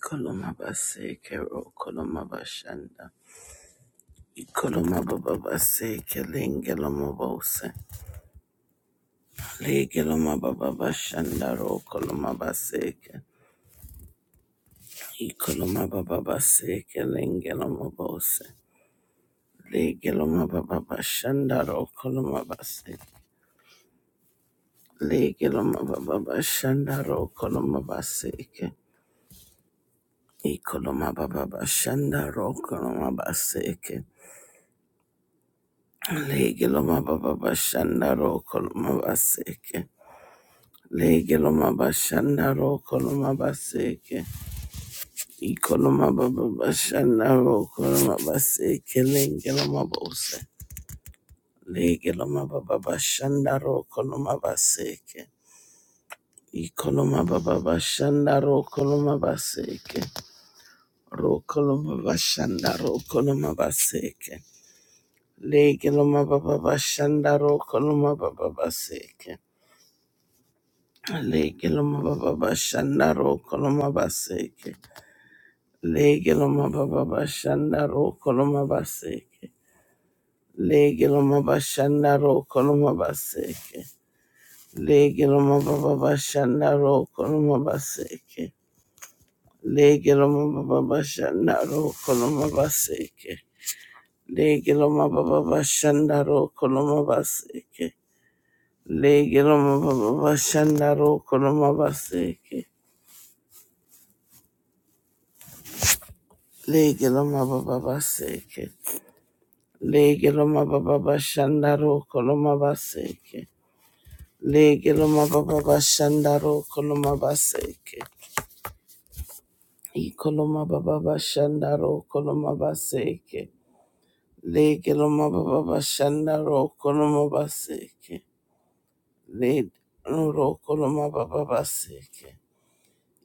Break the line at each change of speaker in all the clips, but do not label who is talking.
Koloma baseke ro koloma bashanda. Ikoloma baba baseke lengeloma bose. Legeloma baba bashanda ro koloma baseke. Ikoloma baba baseke lengeloma bose. Legeloma baba bashanda ro koloma baseke. Legeloma baba bashanda ro koloma baseke. Ikoloma baba bashanda ro koloma baseke. Legiloma baba bashanda ro koloma baseke. Legiloma bashanda ro baseke. Ikoloma baba bashanda ro koloma baseke. Legiloma bose. Legiloma baba bashanda ro baseke. Ikoloma baba bashanda ro koloma baseke. rokoloma koloma bashanda ro koloma baseke. Legiloma baba bashanda ro baba baseke. Lege loma baba bashanda ro koloma baseke. Lege loma baba bashanda ro koloma baseke. Lege loma bashanda ro koloma baseke. Lege loma baba bashanda ro koloma baseke. Lege loma baba bashanda ro koloma baseke. Lege loma baba bashanda ro koloma baseke. Lege loma baba bashanda ro koloma baseke. Lege loma baba baseke. Lege loma baba bashanda roko loma baseke. Lege loma baba bashanda roko loma baseke. Iko loma baba bashanda roko loma baseke. Lege loma baba bashanda roko loma baseke. Lege roko loma baba baseke.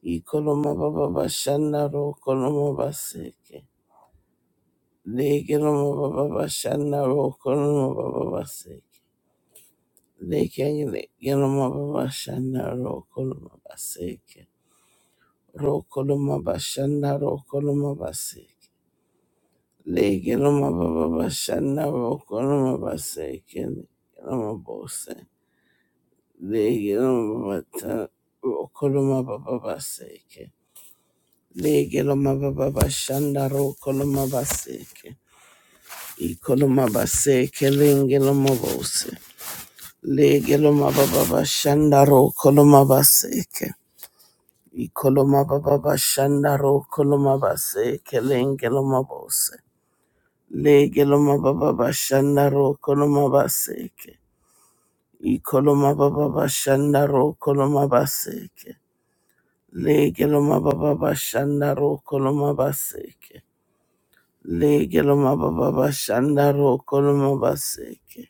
Iko loma baba bashanda roko loma baseke. Lege loma baba bashanda roko loma baba baseke. Lekengele bashanda rokoloma baseke. Rokoloma bashanda rokoloma baseke. Legeloma baba bashanda rokoloma baseke. Legeloma bose. Legeloma bata rokoloma baba baseke. Legeloma baba bashanda rokoloma baseke. Ikoloma baseke lengeloma bose. Legeloma baba bashanda rokoloma baseke. Ikoloma baba bashanda ro koloma base kelengeloma bose. Legeloma baba bashanda ro koloma baseke. Ikoloma baba bashanda ro koloma baseke. Legeloma baba bashanda ro koloma baseke. Legeloma baba bashanda ro koloma baseke.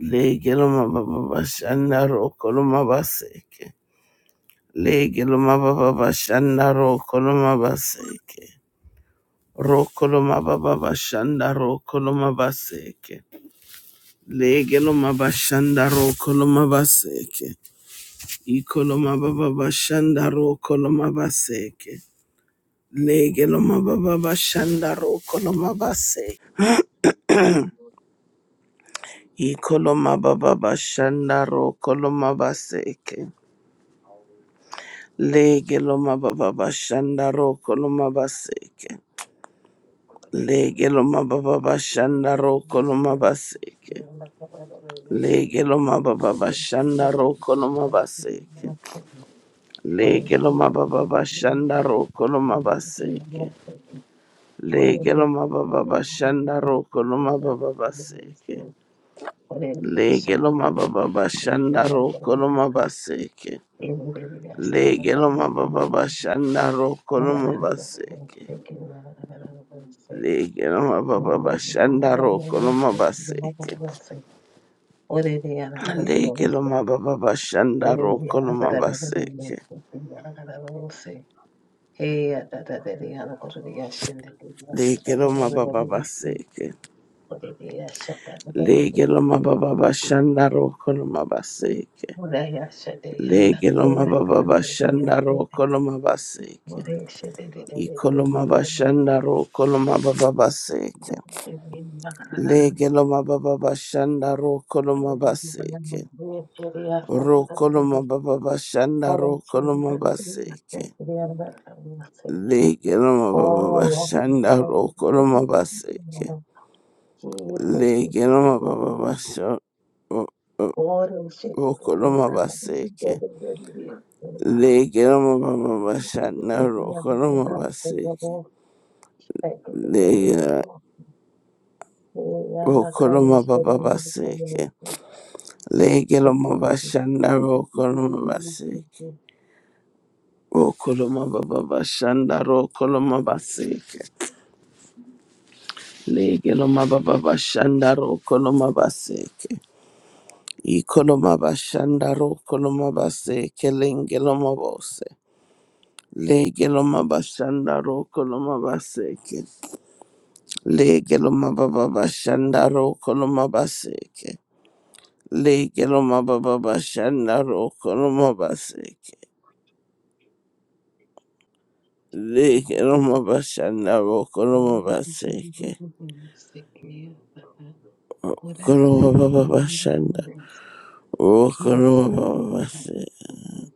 Legeloma baba bashanda ro koloma baseke. Legeloma baba bashanda ro koloma baseke. Rokoloma baba bashanda rokoloma baseke. Legeloma bashanda rokoloma baseke. Ikoloma baba bashanda rokoloma baseke. Legeloma baba bashanda rokoloma baseke. Ikoloma baba bashanda rokoloma baseke. Legeloma baba bashanda rokoloma baseke. Legeloma
Thank
baba bashanda rokoloma baseke. Lege lo mababa bashanda roko lo mabaseke. Lege lo mababa bashanda roko lo mabaseke. Lege lo mababa bashanda roko lo mababa baseke. Lege lo mababa bashanda roko lo mabaseke. Lege lo mababa bashanda roko lo mabaseke. Lege lo mababa bashanda roko lo mabaseke.
you. Orere yaragara
Lege lo
rose,
mababa bashanda
orere
roko lo
yaragara
mabaseke.
rose, yaragara rose. Hey, adadadere yaragara yashende, yashata
Legeloma
rose
baba
rose,
baseke.
orere yashata rose
Legeloma baba
rose.
bashanda rokoloma baseke.
Ora yashade yanda,
Legeloma baba
yashade rose
bashanda
rose.
rokoloma baseke.
Ore yashade rose rose
Ikoloma
yanda,
bashanda rokoloma baba baseke.
yaragara rose. Ore yashade yashata rose rose. Ora yashade rose rose yanda,
Legeloma baba bashanda
yaragara
rokoloma baseke. Rokoloma baba bashanda rokoloma baseke.
rose.
Legeloma baba
Oh,
bashanda rokoloma baseke. Legeloma baba basha. Rokoroma baseke. Legiroma baba bashana rokoroma baseke. Legira rokoroma baba baseke. Legiroma bashana rokoroma baseke. Rokoroma baba bashana rokoroma baseke. Legiroma baba bashana rokoroma baseke. Ikoloma bashanda rokoloma baseke lengeloma bose. Legiloma bashanda rokoloma baseke. Lege lo mababa bashanda roko lo mabaseke. Lege lo mababa bashanda roko lo mabaseke. Lege lo mabashanda roko lo mabaseke.
Sick, yeah. What I
Kolo mababa bashanda
say?
roko
kilo,
lo
kilo,
mababa
kilo,
baseke.
sokuldu.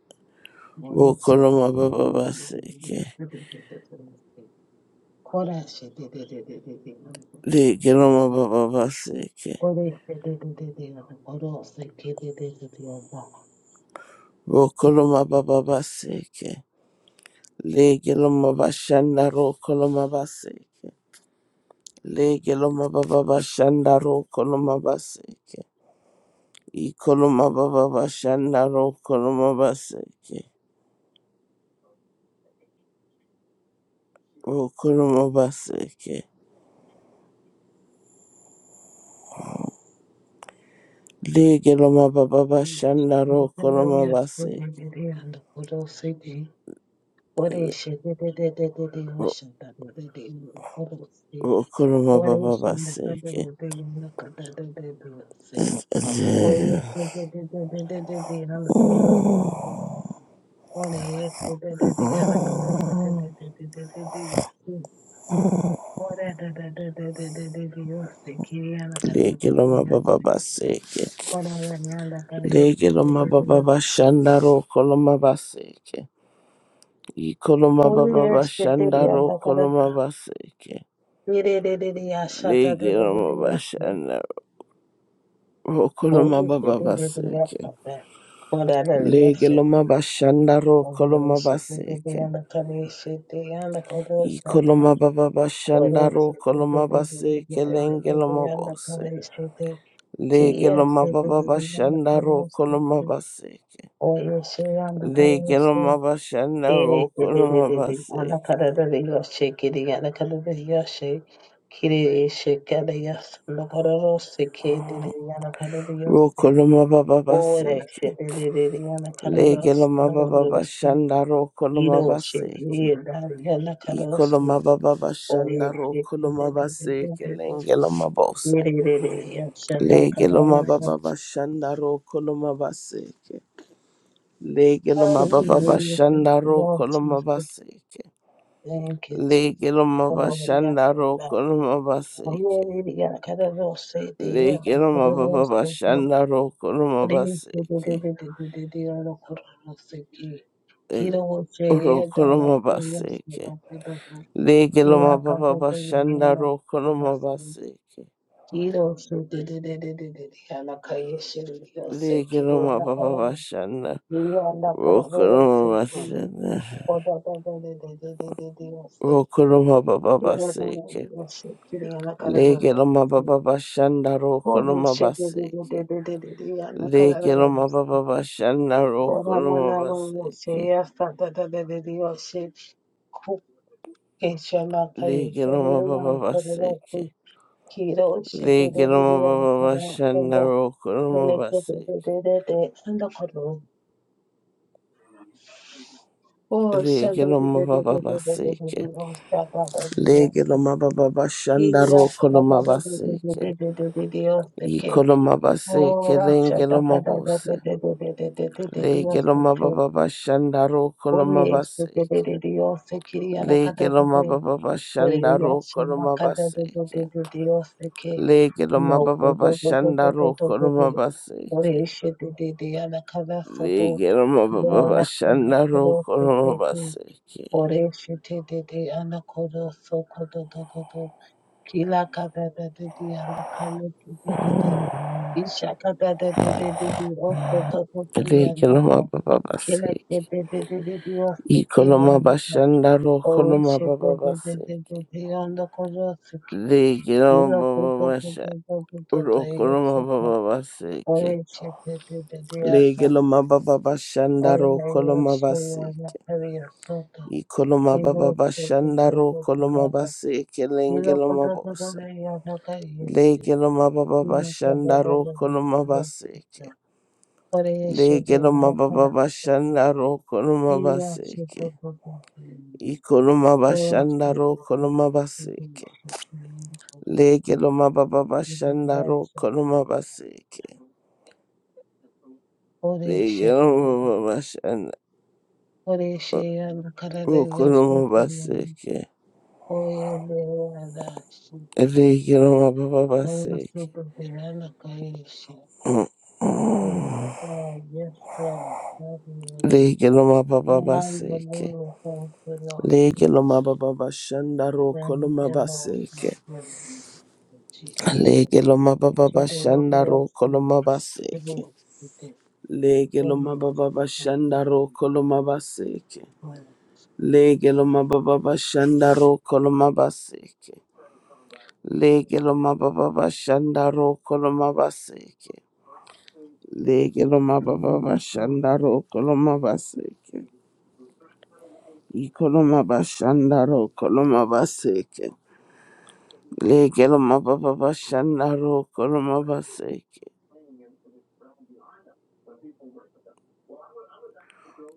Moni
Roko lo
şedi dedi
mababa
dedi dedi dedi
baseke.
dedi dedi dedi. Kora şedi dedi dedi dedi. Kore
Lege lo mababa baseke.
şedi dedi dedi. Koro şedi dedi dedi.
Roko lo mababa baseke. Lege lo mabashanda roko lo mabaseke. Lege loma baba bashanda ro koloma baseke. I koloma baba bashanda ro koloma baseke. O koloma baseke. Lege loma baba bashanda ro
Oya
koloma baseke.
şedi dedi. Koro şedi. Kore şedi dedi dedi dedi. Şanda dedi. Koro şedi.
O koloma
Kore
baba
şunda kadar
baseke.
dedi. Kadar dedi. Oyo sugar de de de de de de hala oyo ore yesu de de de hala de de de de de de de de de yesu ore de de de de de de de de yesu kiri hala kade de
Lege
de
loma baba
yesu
baseke.
ore hala hala kade yesu
Lege
de de
loma
de
baba
yesu
bashanda ro koloma baseke. I koloma
ore
baba
yesu de de
bashanda
hala
ro
kade
koloma baseke.
mire de de de yasha de de
Lege
de de
loma
de yesu
bashanda
ore
Rokoloma
yesu
baba
de de de
baseke.
yasha de ore hala yesu
Legeloma bashanda
ore
rokoloma
yesu de de de
baseke.
hala kade yesu de hala kade yesu
Ikoloma baba bashanda
Kore se te te
rokoloma
te te te te
baseke
te te te te
lengeloma
yanda
bose.
kore se te kiye
Legeloma
se te
baba
te te yanda
bashanda
kore se
rokoloma
te
baseke.
oye se yanda kore se
Legeloma bashanda
ere te te te
rokoloma
te te yanda
baseke.
kore te te yoshe Kiri yanda kore te yoshe kiri eshe kare yas no kore rose ke te te yanda kore te yoshe
Rokoloma baba
ore
baseke.
se te te te te yanda kore rose
Legeloma
no kore
baba
rose
bashanda rokoloma
iro se
baseke.
ere yanda kore rose
Ikolomaba Baba Ikolomababa
oye
Shandaro
se te te te
Kolomaba
te
Seke
te te
Lengelomabose.
Hallelujah.
Legelomababa Shandaro Kolomaba Seke. Legelomababa
Hallelujah. Thank you,
Shandaro
Lord Jesus.
Kolomaba Seke.
Thank you, Jesus.
Legelomaba
Hallelujah.
Shandaro
Hallelujah.
Kolomaba Seke.
Hallelujah.
Legelomababa Shandaro Kolomaba Seke.
Hallelujah.
Rokolomaba Seke. Legelomababa Shandaro Kolomaba Seke. Baba
Hallelujah.
Shanda.
Kiro
Wokuruma Sende Wokuruma Baba Baseke Legiloma Baba Bashanda Rokuruma Baseke Legiloma Baba Bashanda Rokuruma Baseke Legiloma Baba Baseke legeloma Baba Bashanda Rokuruma Baseke
Oh,
Legiloma
Shabbat
Baba Baseke Legiloma Baba Bashanda Rokuruma Baseke Ikoloma Baseke Lengiloma Bose Lege lo mababa bashanda roko lo mabaseke. Lege lo mababa bashanda roko lo mabaseke. Lege lo mababa bashanda roko lo mabaseke. Lege lo mababa bashanda roko lo mabaseke.
Ore shete de de anakodo soko do do do do. Kila kada de de de anakalo ki de de de. Isha kada de de de de de oso do do do
Lege lo
yanaka.
mababa
Kila de
baseke.
de de de de de oso
Iko
ke
lo
yanaka.
mabashanda roko lo
Ore
mababa
shete de de de de
baseke.
de anakodo soko.
Lege lo
Yura kodo
mababa
do
bashanda
do do do do do do
roko lo
yeseko.
mababa baseke.
Ore shete de de de asa.
Legeloma baba
Ore
bashandaro koloma
yeseko
basi.
yanaka yosoto.
Ikoloma baba
Yura shete de de
bashandaro
de
koloma
de
basi
Oye, de
kelengeloma bose. Legeloma baba bashandaro koloma basi ke. Legeloma baba bashandaro koloma basi ke. Ikoloma bashandaro koloma basi ke. Legeloma baba bashandaro koloma basi ke. Legeloma baba bashandaro koloma basi ke.
verdad, sí, sí, sí.
Lege lo ma ba ba ba
Todo
seke.
súper, te dan la calle, sí. Yes, God. Yes, God. Hallelujah.
Lege lo ma ba ba ba seke.
Hallelujah. Thank you, Lord.
Lege lo ma ba ba ba shanda ro
Thank
koloma
you,
ba
Lord.
seke.
Thank you, Lord. Jesus.
Lege lo ma ba ba ba
To the Lord,
shanda
we are
ro
singing.
koloma ba
To the
seke.
Lord, we give
Lege lo ma
honor. To
ba ba
the
ba
Lord,
shanda ro
we
koloma ba seke. Lege lo ma ba ba ba shanda ro koloma ba seke. Lege lo ma ba ba ba shanda ro koloma ba seke. Lege lo ma
give
ba ba ba
honor.
shanda ro koloma seke. Ikoloma bashandaro, koloma baseke. Legeloma baba bashandaro, koloma baseke.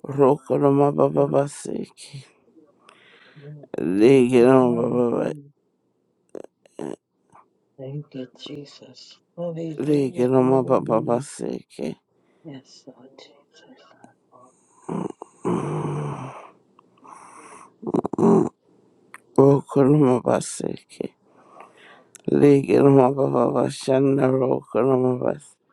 Rokoloma
Glory,
baba
glory,
baseke.
glory. Jesus.
Legeloma baba,
Hallelujah. Thank you, Jesus. Hallelujah.
legeloma baba
Hallelujah.
baseke.
Yes, Lord
Rokoloma baseke. Legeloma baba bashandaro, koloma baseke.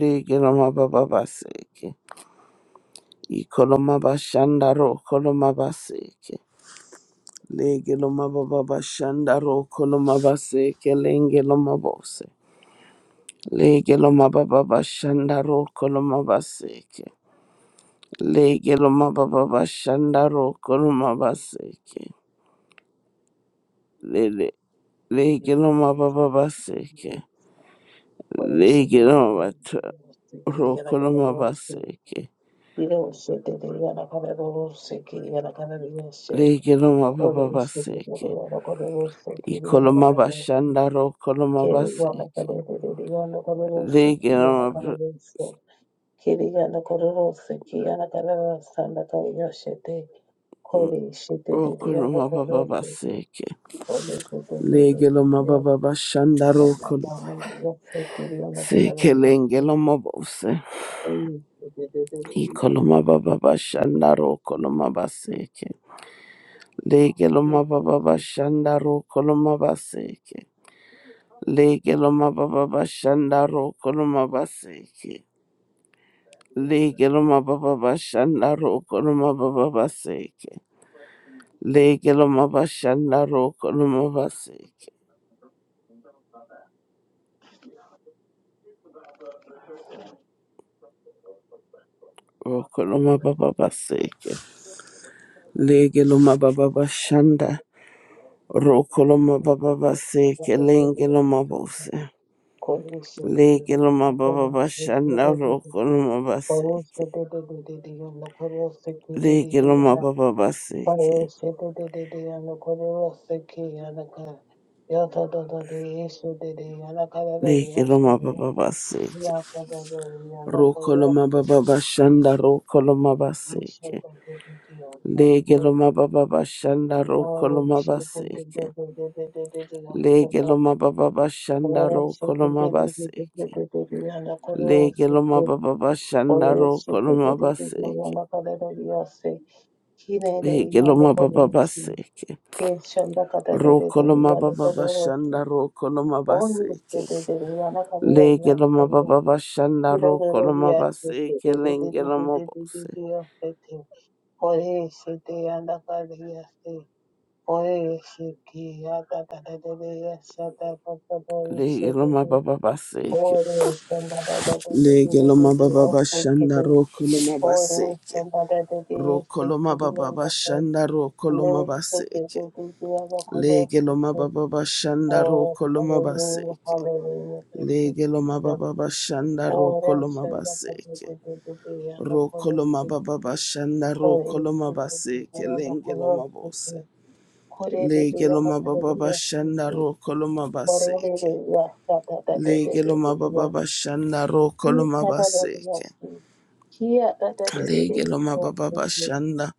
Legeloma baba baseke. Ikoloma bashandaro, koloma baseke. Lege loma baba bashanda roko loma base kelenge loma bose. Lege loma baba bashanda roko loma baseke. Lege loma baba bashanda roko loma baseke. Lele lege loma baba
Jesus.
baseke.
Koresha
Lege loma bata
dererose kiriya
roko loma
rakarerose
baseke.
irose dereriya rakarerose kiriya rakarerose
Lege loma baba
koresha
baseke.
dereriya rakarerose kiriya
Ikoloma
rakarerose
bashanda roko loma
kiriya
baseke.
rakarereriya rakarerose
Lege
kiriya
loma br-
rakarerose kiriya rakarerose kiriya rakarerose rakarerose de koresha
roko
dereriya
loma baba
rakarerose
baseke.
koresha dereriya
Legelo
rakarerose
mababa bashandaro kolo
kiriya
se
rakarerose
kelengelo mabose
Oh,
ikolo mababa bashandaro kolo mabaseke legelo mababa bashandaro kolo mabaseke legelo mababa bashandaro kolo mabaseke legelo mababa bashandaro kolo mababa baseke legelo mababa bashandaro kolo mabaseke okolo mababa baseke legelo mababa bashanda Rokoloma baba base kelenge loma bose. Lege loma baba bashanda rokoloma base. Lege loma baba base. Lege loma
shit,
baba base. Rokoloma baba bashanda rokoloma base. Lege loma baba bashanda rokoloma base. Lege loma baba bashanda
Oh,
rokoloma base. Lege loma baba bashanda rokoloma base. Lege loma baba base. Rokoloma baba bashanda rokoloma baseke. Legeloma baba bashanda rokoloma baseke lengeloma bose. Legeloma baba baseke.
Oro samba da da da da da da da
Legeloma
da
baba
o
bashanda
sekidi.
rokoloma
Oro
baseke.
samba da da da da
Rokoloma
sekidi
baba
yanda ko.
bashanda rokoloma
Ne sekidi
baseke.
da da da yanda ko no
Legeloma
sekidi.
baba bashanda
Oh,
rokoloma
hallelujah,
baseke.
hallelujah, thank you,
Legeloma
Jesus.
baba bashanda
Oro
rokoloma
samba da da
baseke.
da da da da yanda ko no
Rokoloma
sekidi.
baba bashanda
Kore
rokoloma
sekidi
base
da da yanda
kelenge
ko no
loma bose.
sekidi. Kore da da
Lege
yanda
loma
ko
baba
no
bashanda
sekidi.
rokoloma
Ore da da
baseke.
yanda da da da
Lege
da
loma
da da.
baba bashanda rokoloma
Ikadadadadadadada.
baseke. Lege loma
Kiyadadadadadadadada.
baba bashanda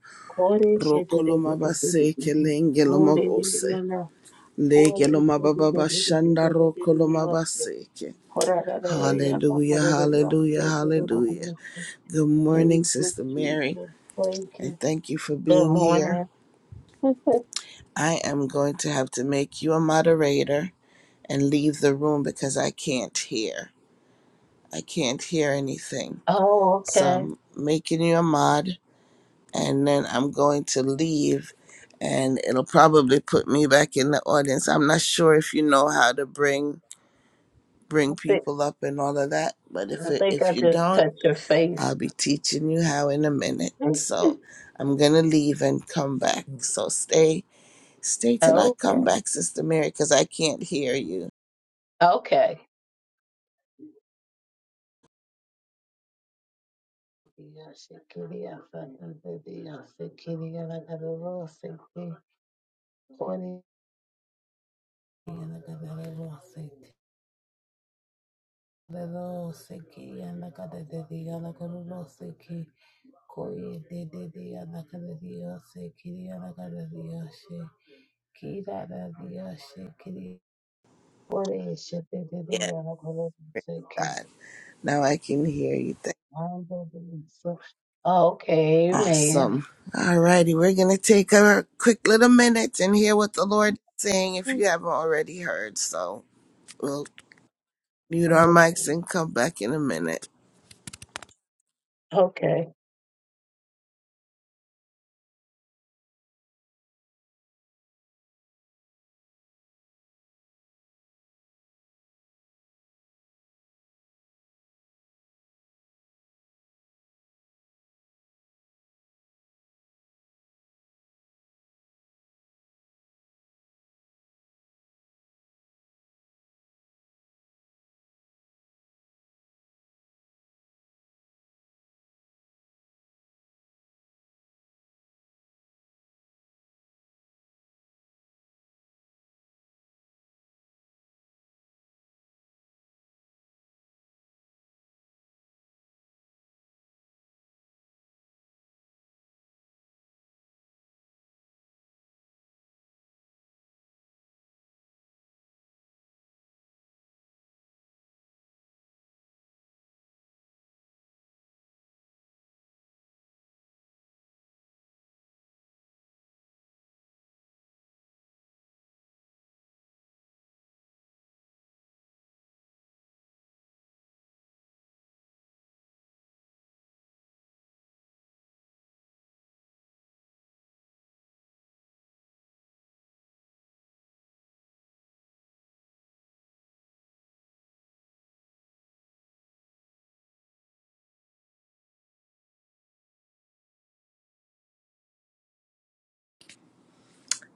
rokoloma baseke
Koreshedadadadadadada.
lenge loma bose.
Orededeyana.
Lege loma baba bashanda rokoloma
Koreshedadadadadadadada.
baseke.
Koradadadadadada.
Hallelujah, hallelujah, hallelujah.
Koradadadadadadada.
Good morning,
Thank you,
Sister Mary,
Jesus. Thank you.
and thank you for
Good
being here.
morning.
I am going to have to make you a moderator and leave the room because I can't hear. I can't hear anything.
Oh,
So
okay.
I'm making you a mod and then I'm going to leave and it'll probably put me back in the audience. I'm not sure if you know how to bring
I
bring
think
people up and all of that, but if
I
it,
think I
if you
just
don't,
touched your face.
I'll be teaching you how in a minute. So I'm going to leave and come back. So stay Stay till I
Okay.
come back, Sister Mary, because I can't hear you.
Okay.
Yeah, praise God. Now I can hear you. Thank-
Oh, okay, man.
Awesome. All righty, we're going to take a quick little minute and hear what the Lord is saying if you haven't already heard. So we'll mute our
Okay,
mics and come back in a minute.
okay.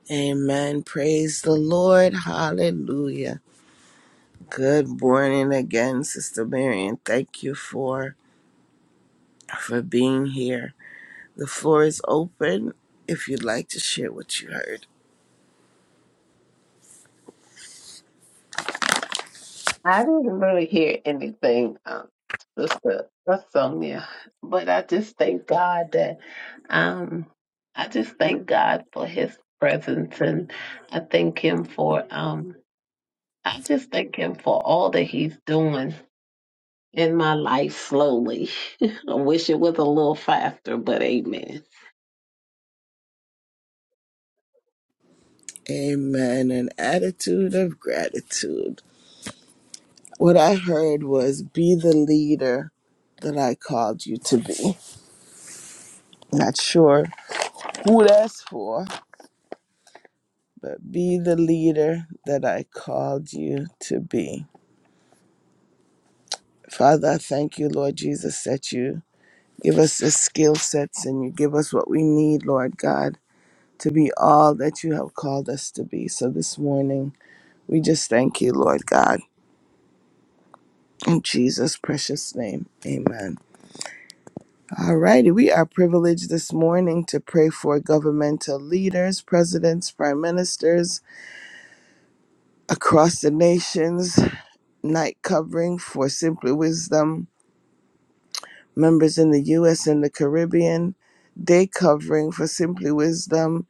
Amen. Praise the Lord. Hallelujah. Good morning again, Sister Mary, and thank you for for being here. The floor is open if you'd like to share what you heard.
I didn't really hear anything, um, Sister Sonia, but I just thank God that um, I just thank God for His presence, and I thank Him for um, I just thank Him for all that He's doing in my life. Slowly, I wish it was a little faster, but Amen.
Amen. An attitude of gratitude. What I heard was be the leader that I called you to be. Not sure who that's for, but be the leader that I called you to be. Father, I thank you, Lord Jesus, that you give us the skill sets and you give us what we need, Lord God, to be all that you have called us to be. So this morning, we just thank you, Lord God. In Jesus' precious name, amen. All righty, we are privileged this morning to pray for governmental leaders, presidents, prime ministers across the nations, night covering for Simply Wisdom, members in the U.S. and the Caribbean, day covering for Simply Wisdom,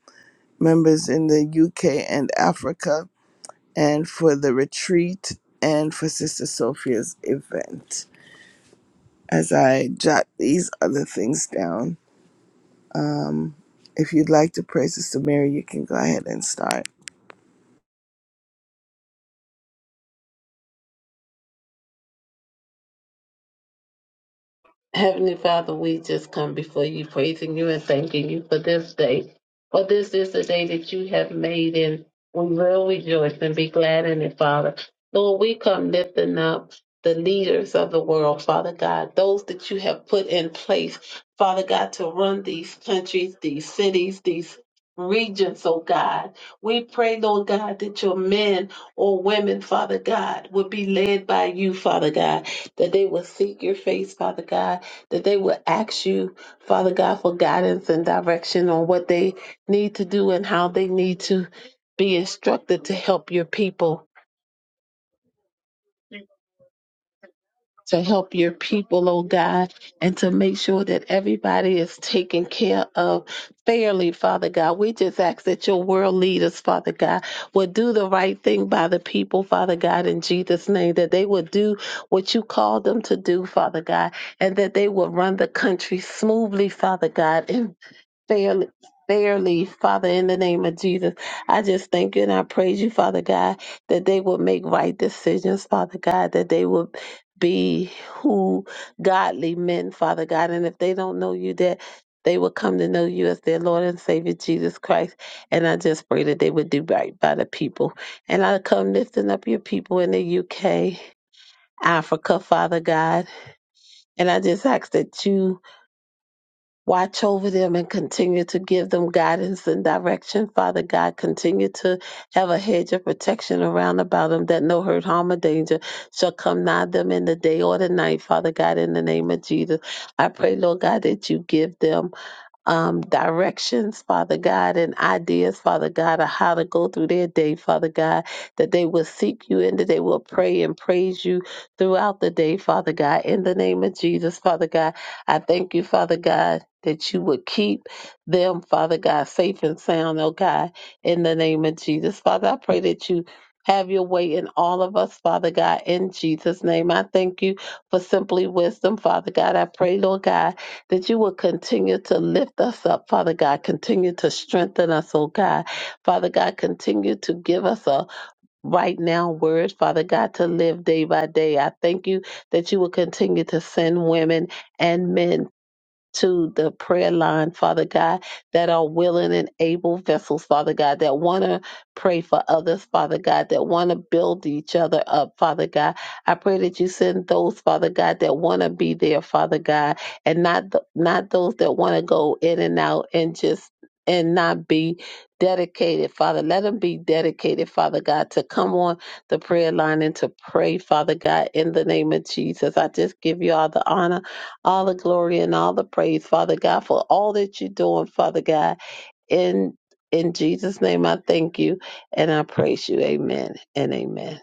members in the U.K. and Africa, and for the retreat and for Sister Sophia's event. As I jot these other things down. Um, if you'd like to pray, Sister Mary, you can go ahead and start.
Heavenly Father, we just come before you, praising you and thanking you for this day. For this is the day that you have made, and we will rejoice and be glad in it, Father. Lord, we come lifting up the leaders of the world, Father God, those that you have put in place, Father God, to run these countries, these cities, these regions, oh God. We pray, Lord God, that your men or women, Father God, would be led by you, Father God, that they will seek your face, Father God that they would ask you, Father God, for guidance and direction on what they need to do and how they need to be instructed to help your people, to help your people, oh God, and to make sure that everybody is taken care of fairly, Father God. We just ask that your world leaders, Father God, would do the right thing by the people, Father God, in Jesus' name, that they would do what you called them to do, Father God, and that they would run the country smoothly, Father God, in fairly, fairly, Father, in the name of Jesus. I just thank you and I praise you, Father God, that they will make right decisions, Father God, that they will be who godly men, Father God. And if they don't know you, that they will come to know you as their Lord and Savior, Jesus Christ. And I just pray that they would do right by the people. And I come lifting up your people in the UK, Africa, Father God. And I just ask that you Watch over them and continue to give them guidance and direction. Father God, continue to have a hedge of protection around about them that no hurt, harm, or danger shall come nigh them in the day or the night. Father God, in the name of Jesus, I pray, Lord God, that you give them um, directions, Father God, and ideas, Father God, of how to go through their day, Father God, that they will seek you and that they will pray and praise you throughout the day, Father God. In the name of Jesus, Father God, I thank you, Father God. That you would keep them, Father God, safe and sound, oh God, in the name of Jesus. Father, I pray that you have your way in all of us, Father God, in Jesus' name. I thank you for simply wisdom, Father God. I pray, Lord God that you will continue to lift us up, Father God. Continue to strengthen us, oh God. Father God, continue to give us a right now word, Father God, to live day by day. I thank you that you will continue to send women and men to the prayer line, Father God, that are willing and able vessels, Father God, that want to pray for others, Father God, that want to build each other up, Father God. I pray that you send those, Father God, that want to be there, Father God, and not th- not those that want to go in and out and just and not be dedicated, Father. Let them be dedicated, Father God, to come on the prayer line and to pray, Father God, in the name of Jesus. I just give you all the honor all the glory and all the praise, Father God, for all that you're doing, Father God. In in Jesus' name I thank you and I praise you. Amen and amen.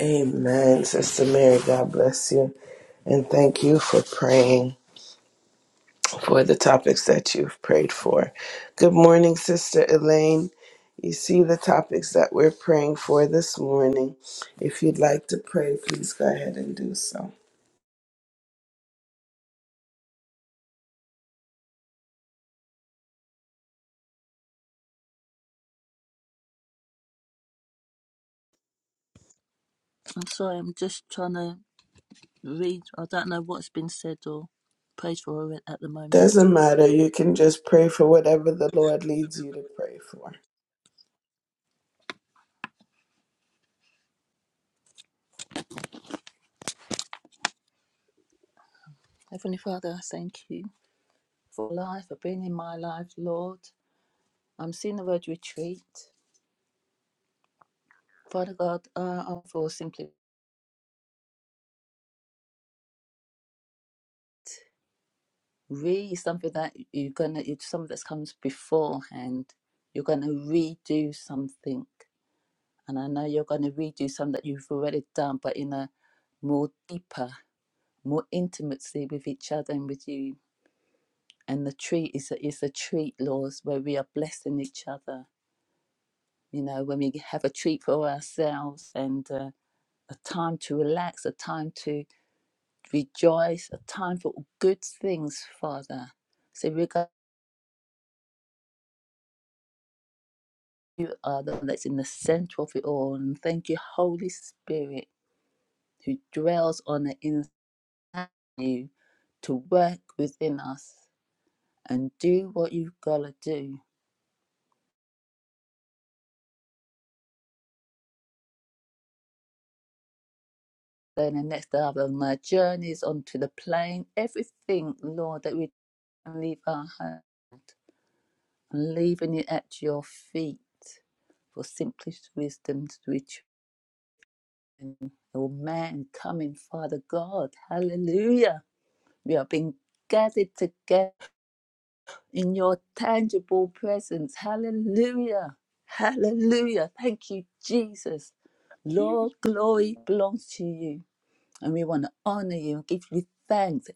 Amen. Sister Mary, God bless you. And thank you for praying for the topics that you've prayed for. Good morning, Sister Elaine. You see the topics that we're praying for this morning. If you'd like to pray, please go ahead and do so.
I'm sorry, I'm just trying to read. I don't know what's been said or prayed for at the moment.
Doesn't matter. You can just pray for whatever the Lord leads you to pray for.
Heavenly Father, I thank you for life, for being in my life, Lord. I'm seeing the word retreat. Father God, uh, I'm for simply re something that you're gonna, it's something that comes beforehand. You're gonna redo something, and I know you're gonna redo something that you've already done, but in a more deeper, more intimacy with each other and with you. and the treat is a, is a treat laws where we are blessing each other you know when we have a treat for ourselves and uh, a time to relax a time to rejoice a time for good things father so we got you are the one that's in the center of it all and thank you holy spirit who dwells on the inside of you to work within us and do what you've got to do Then the next day of have on my journeys onto the plane. Everything, Lord, that we leave our hand, I'm leaving it at your feet for simplest wisdom to reach all man coming, Father God. Hallelujah. We are being gathered together in your tangible presence. Hallelujah. Hallelujah. Thank you, Jesus. Lord, glory belongs to you. And we want to honor you and give you thanks.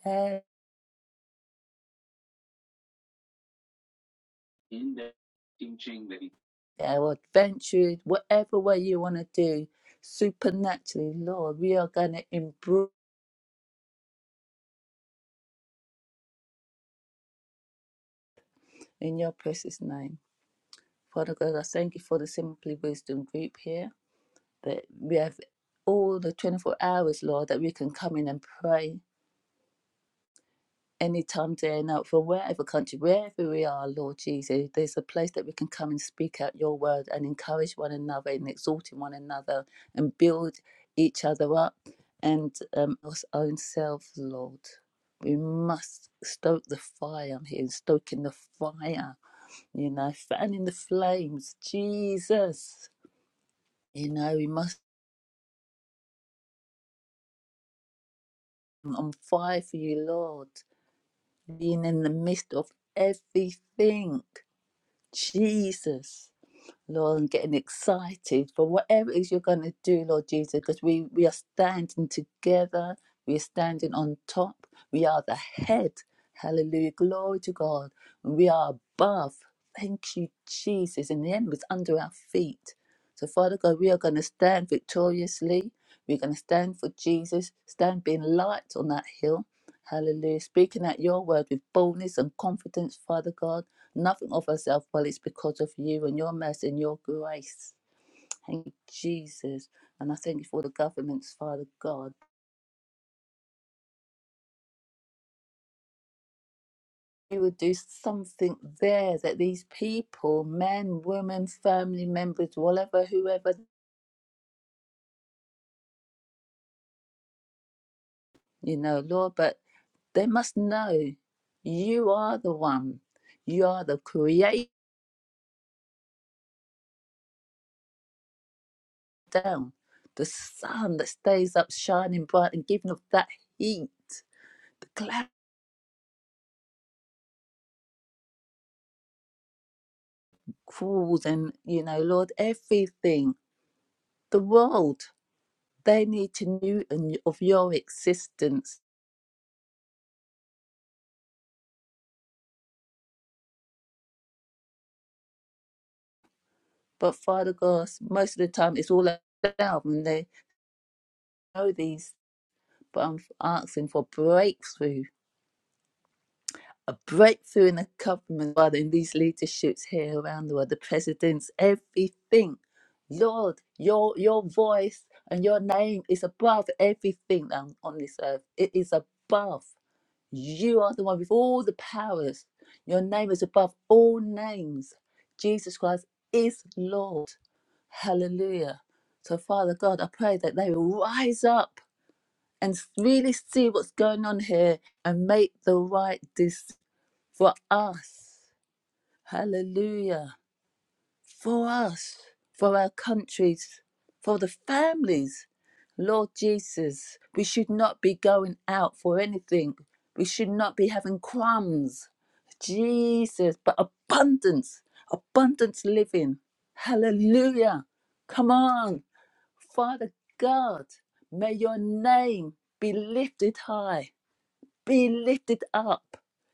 or adventure, whatever way you want to do, supernaturally, Lord, we are going to improve in your precious name. Father God, I thank you for the Simply Wisdom group here, that we have all the 24 hours, Lord, that we can come in and pray anytime, day and night, from wherever country, wherever we are, Lord Jesus, there's a place that we can come and speak out your word and encourage one another and exhorting one another and build each other up and um, our own selves, Lord. We must stoke the fire. here stoking the fire, you know, fanning the flames. Jesus, you know, we must be on fire for you, Lord, being in the midst of everything. Jesus. Lord, and getting excited for whatever it is you're going to do, Lord Jesus, because we, we are standing together. We are standing on top. We are the head. Hallelujah. Glory to God. We are above. Thank you, Jesus. And the enemy is under our feet. So, Father God, we are going to stand victoriously. We're going to stand for Jesus, stand being light on that hill. Hallelujah. Speaking out your word with boldness and confidence, Father God nothing of ourselves, but it's because of you and your mercy and your grace. Thank you, Jesus. And I thank you for the governments, Father God. You would do something there that these people, men, women, family members, whatever, whoever, you know, Lord, but they must know you are the one. You are the creator, the sun that stays up shining bright and giving off that heat, the cloud crawls and, you know, Lord, everything. the world. They need to know and- of your existence. But Father God, most of the time it's all about them, and they know these. But I'm asking for breakthrough, a breakthrough in the government, Father, in these leaderships here around the world, the presidents, everything. Lord, your your voice and your name is above everything on on this earth. It is above. You are the one with all the powers. Your name is above all names. Jesus Christ is Lord. Hallelujah. So, Father God, I pray that they will rise up and really see what's going on here and make the right decision for us. Hallelujah for us, for our countries, for the families. Lord Jesus, we should not be going out for anything. We should not be having crumbs. Jesus, but abundance, abundance living. Hallelujah. Come on. Father God, may your name be lifted high. Be lifted up.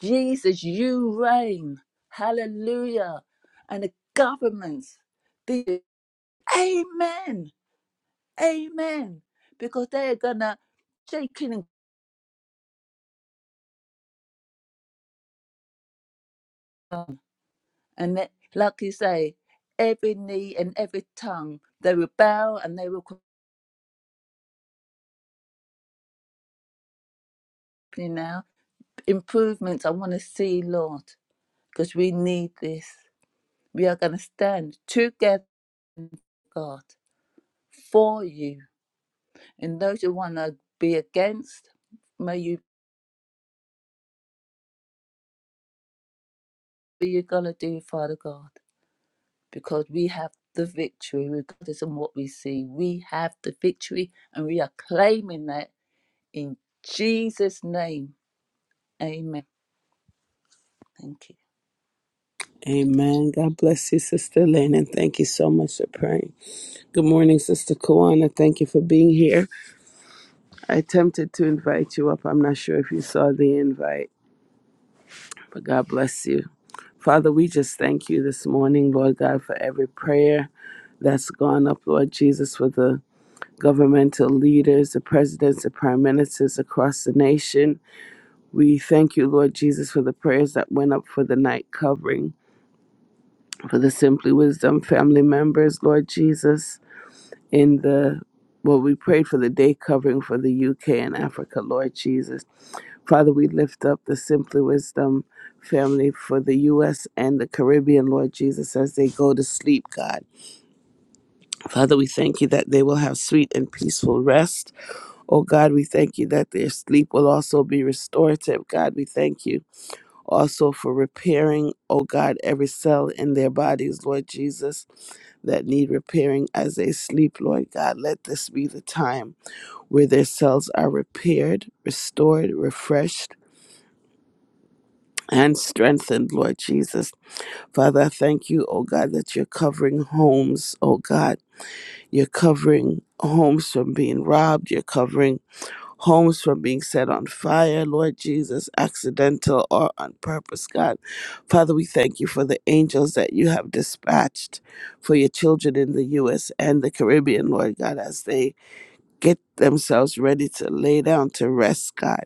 Jesus, you reign. Hallelujah. And the governments, the Amen. Amen. Because they're gonna shake it and down. And that- like you say, every knee and every tongue, they will bow and they will company now. Improvements I want to see, Lord, because we need this. We are gonna stand together, God, for you. And those who want to be against, may you be going to do, Father God, because we have the victory, regardless of what we see. We have the victory, and we are claiming that in Jesus' name. Amen. Thank you.
Amen. God bless you, Sister Elaine, and thank you so much for praying. Good morning, Sister Kawana. Thank you for being here. I attempted to invite you up. I'm not sure if you saw the invite, but God bless you. Father, we just thank you this morning, Lord God, for every prayer that's gone up, Lord Jesus, for the governmental leaders, the presidents, the prime ministers across the nation. We thank you, Lord Jesus, for the prayers that went up for the night covering, for the Simply Wisdom family members, Lord Jesus. in the well, we prayed for the day covering for the UK and Africa, Lord Jesus. Father, we lift up the Simply Wisdom family for the US and the Caribbean, Lord Jesus, as they go to sleep, God. Father, we thank you that they will have sweet and peaceful rest. Oh God, we thank you that their sleep will also be restorative. God, we thank you also for repairing, oh God, every cell in their bodies, Lord Jesus, that need repairing as they sleep, Lord God. Let this be the time where their cells are repaired, restored, refreshed, and strengthened, Lord Jesus. Father, I thank you, oh God, that you're covering homes, oh God. You're covering homes from being robbed. You're covering homes from being set on fire, Lord Jesus, accidental or on purpose, God. Father, we thank you for the angels that you have dispatched for your children in the U.S. and the Caribbean, Lord God, as they get themselves ready to lay down to rest, God.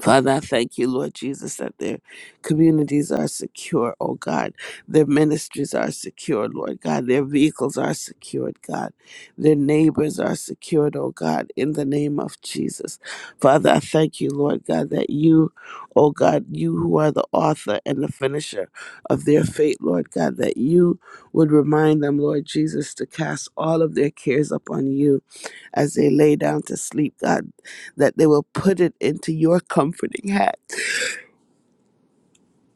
Father, I thank you, Lord Jesus, that their communities are secure, oh God. Their ministries are secure, Lord God. Their vehicles are secured, God. Their neighbors are secured, oh God, in the name of Jesus. Father, I thank you, Lord God, that you, oh God, you who are the author and the finisher of their fate, Lord God, that you would remind them, Lord Jesus, to cast all of their cares upon you as they lay down to sleep, God that they will put it into your comforting hat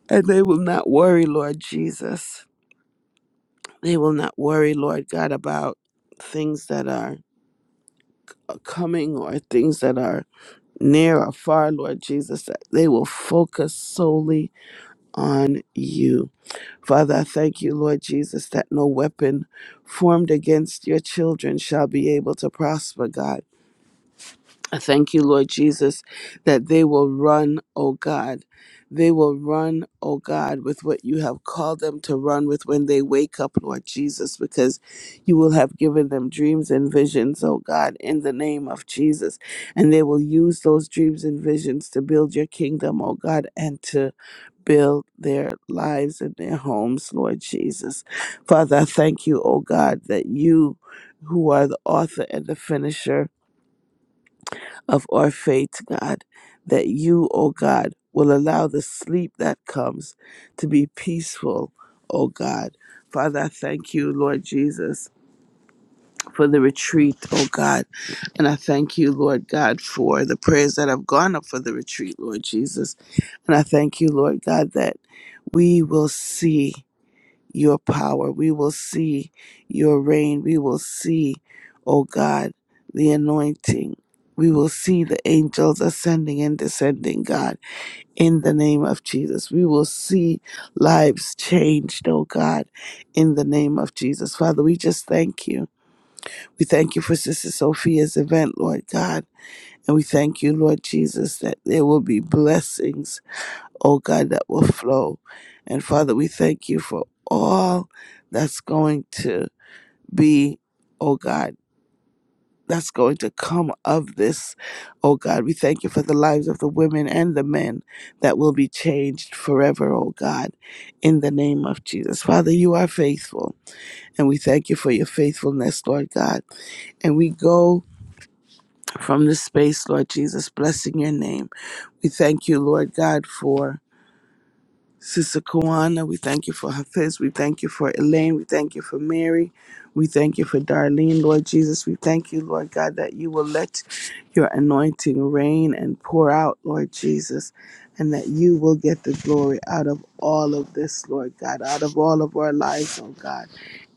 and they will not worry, Lord Jesus. They will not worry, Lord God, about things that are coming or things that are near or far, Lord Jesus, that they will focus solely on you. Father, I thank you, Lord Jesus, that no weapon formed against your children shall be able to prosper, God. I thank you, Lord Jesus, that they will run, O God. They will run, O God, with what you have called them to run with when they wake up, Lord Jesus, because you will have given them dreams and visions, O God, in the name of Jesus. And they will use those dreams and visions to build your kingdom, O God, and to build their lives and their homes, Lord Jesus. Father, I thank you, O God, that you, who are the author and the finisher, of our faith, God, that you, O God, will allow the sleep that comes to be peaceful, O God. Father, I thank you, Lord Jesus, for the retreat, O God. And I thank you, Lord God, for the prayers that have gone up for the retreat, Lord Jesus. And I thank you, Lord God, that we will see your power. We will see your reign. We will see, oh God, the anointing. We will see the angels ascending and descending, God, in the name of Jesus. We will see lives changed, oh God, in the name of Jesus. Father, we just thank you. We thank you for Sister Sophia's event, Lord God. And we thank you, Lord Jesus, that there will be blessings oh God, that will flow. And Father, we thank you for all that's going to be, oh God, that's going to come of this. Oh God, we thank you for the lives of the women and the men that will be changed forever, oh God, in the name of Jesus. Father, you are faithful, and we thank you for your faithfulness, Lord God. And we go from this space, Lord Jesus, blessing your name. We thank you, Lord God, for. Sister Kawana, we thank you for Hafiz. We thank you for Elaine. We thank you for Mary. We thank you for Darlene, Lord Jesus. We thank you, Lord God, that you will let your anointing rain and pour out, Lord Jesus, and that you will get the glory out of all of this, Lord God, out of all of our lives, oh God.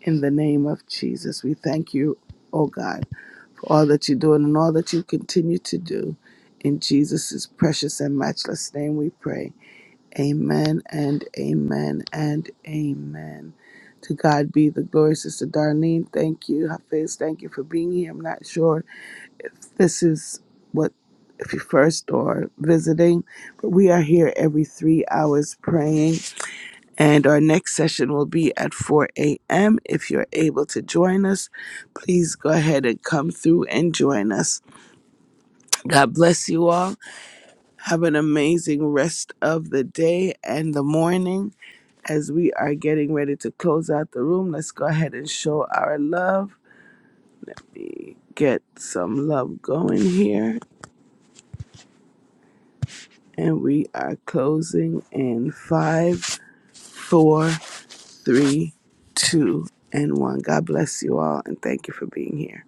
In the name of Jesus, we thank you, oh God, for all that you're doing and all that you continue to do. In Jesus' precious and matchless name, we pray. Amen and amen and amen. To God be the glory, Sister Darlene. Thank you, Hafiz. Thank you for being here. I'm not sure if this is what, if you are first or visiting, but we are here every three hours praying. And our next session will be at 4 a.m. If you're able to join us, please go ahead and come through and join us. God bless you all. Have an amazing rest of the day and the morning. As we are getting ready to close out the room, let's go ahead and show our love. Get some love going here. And we are closing in five, four, three, two, and one. God bless you all and thank you for being here.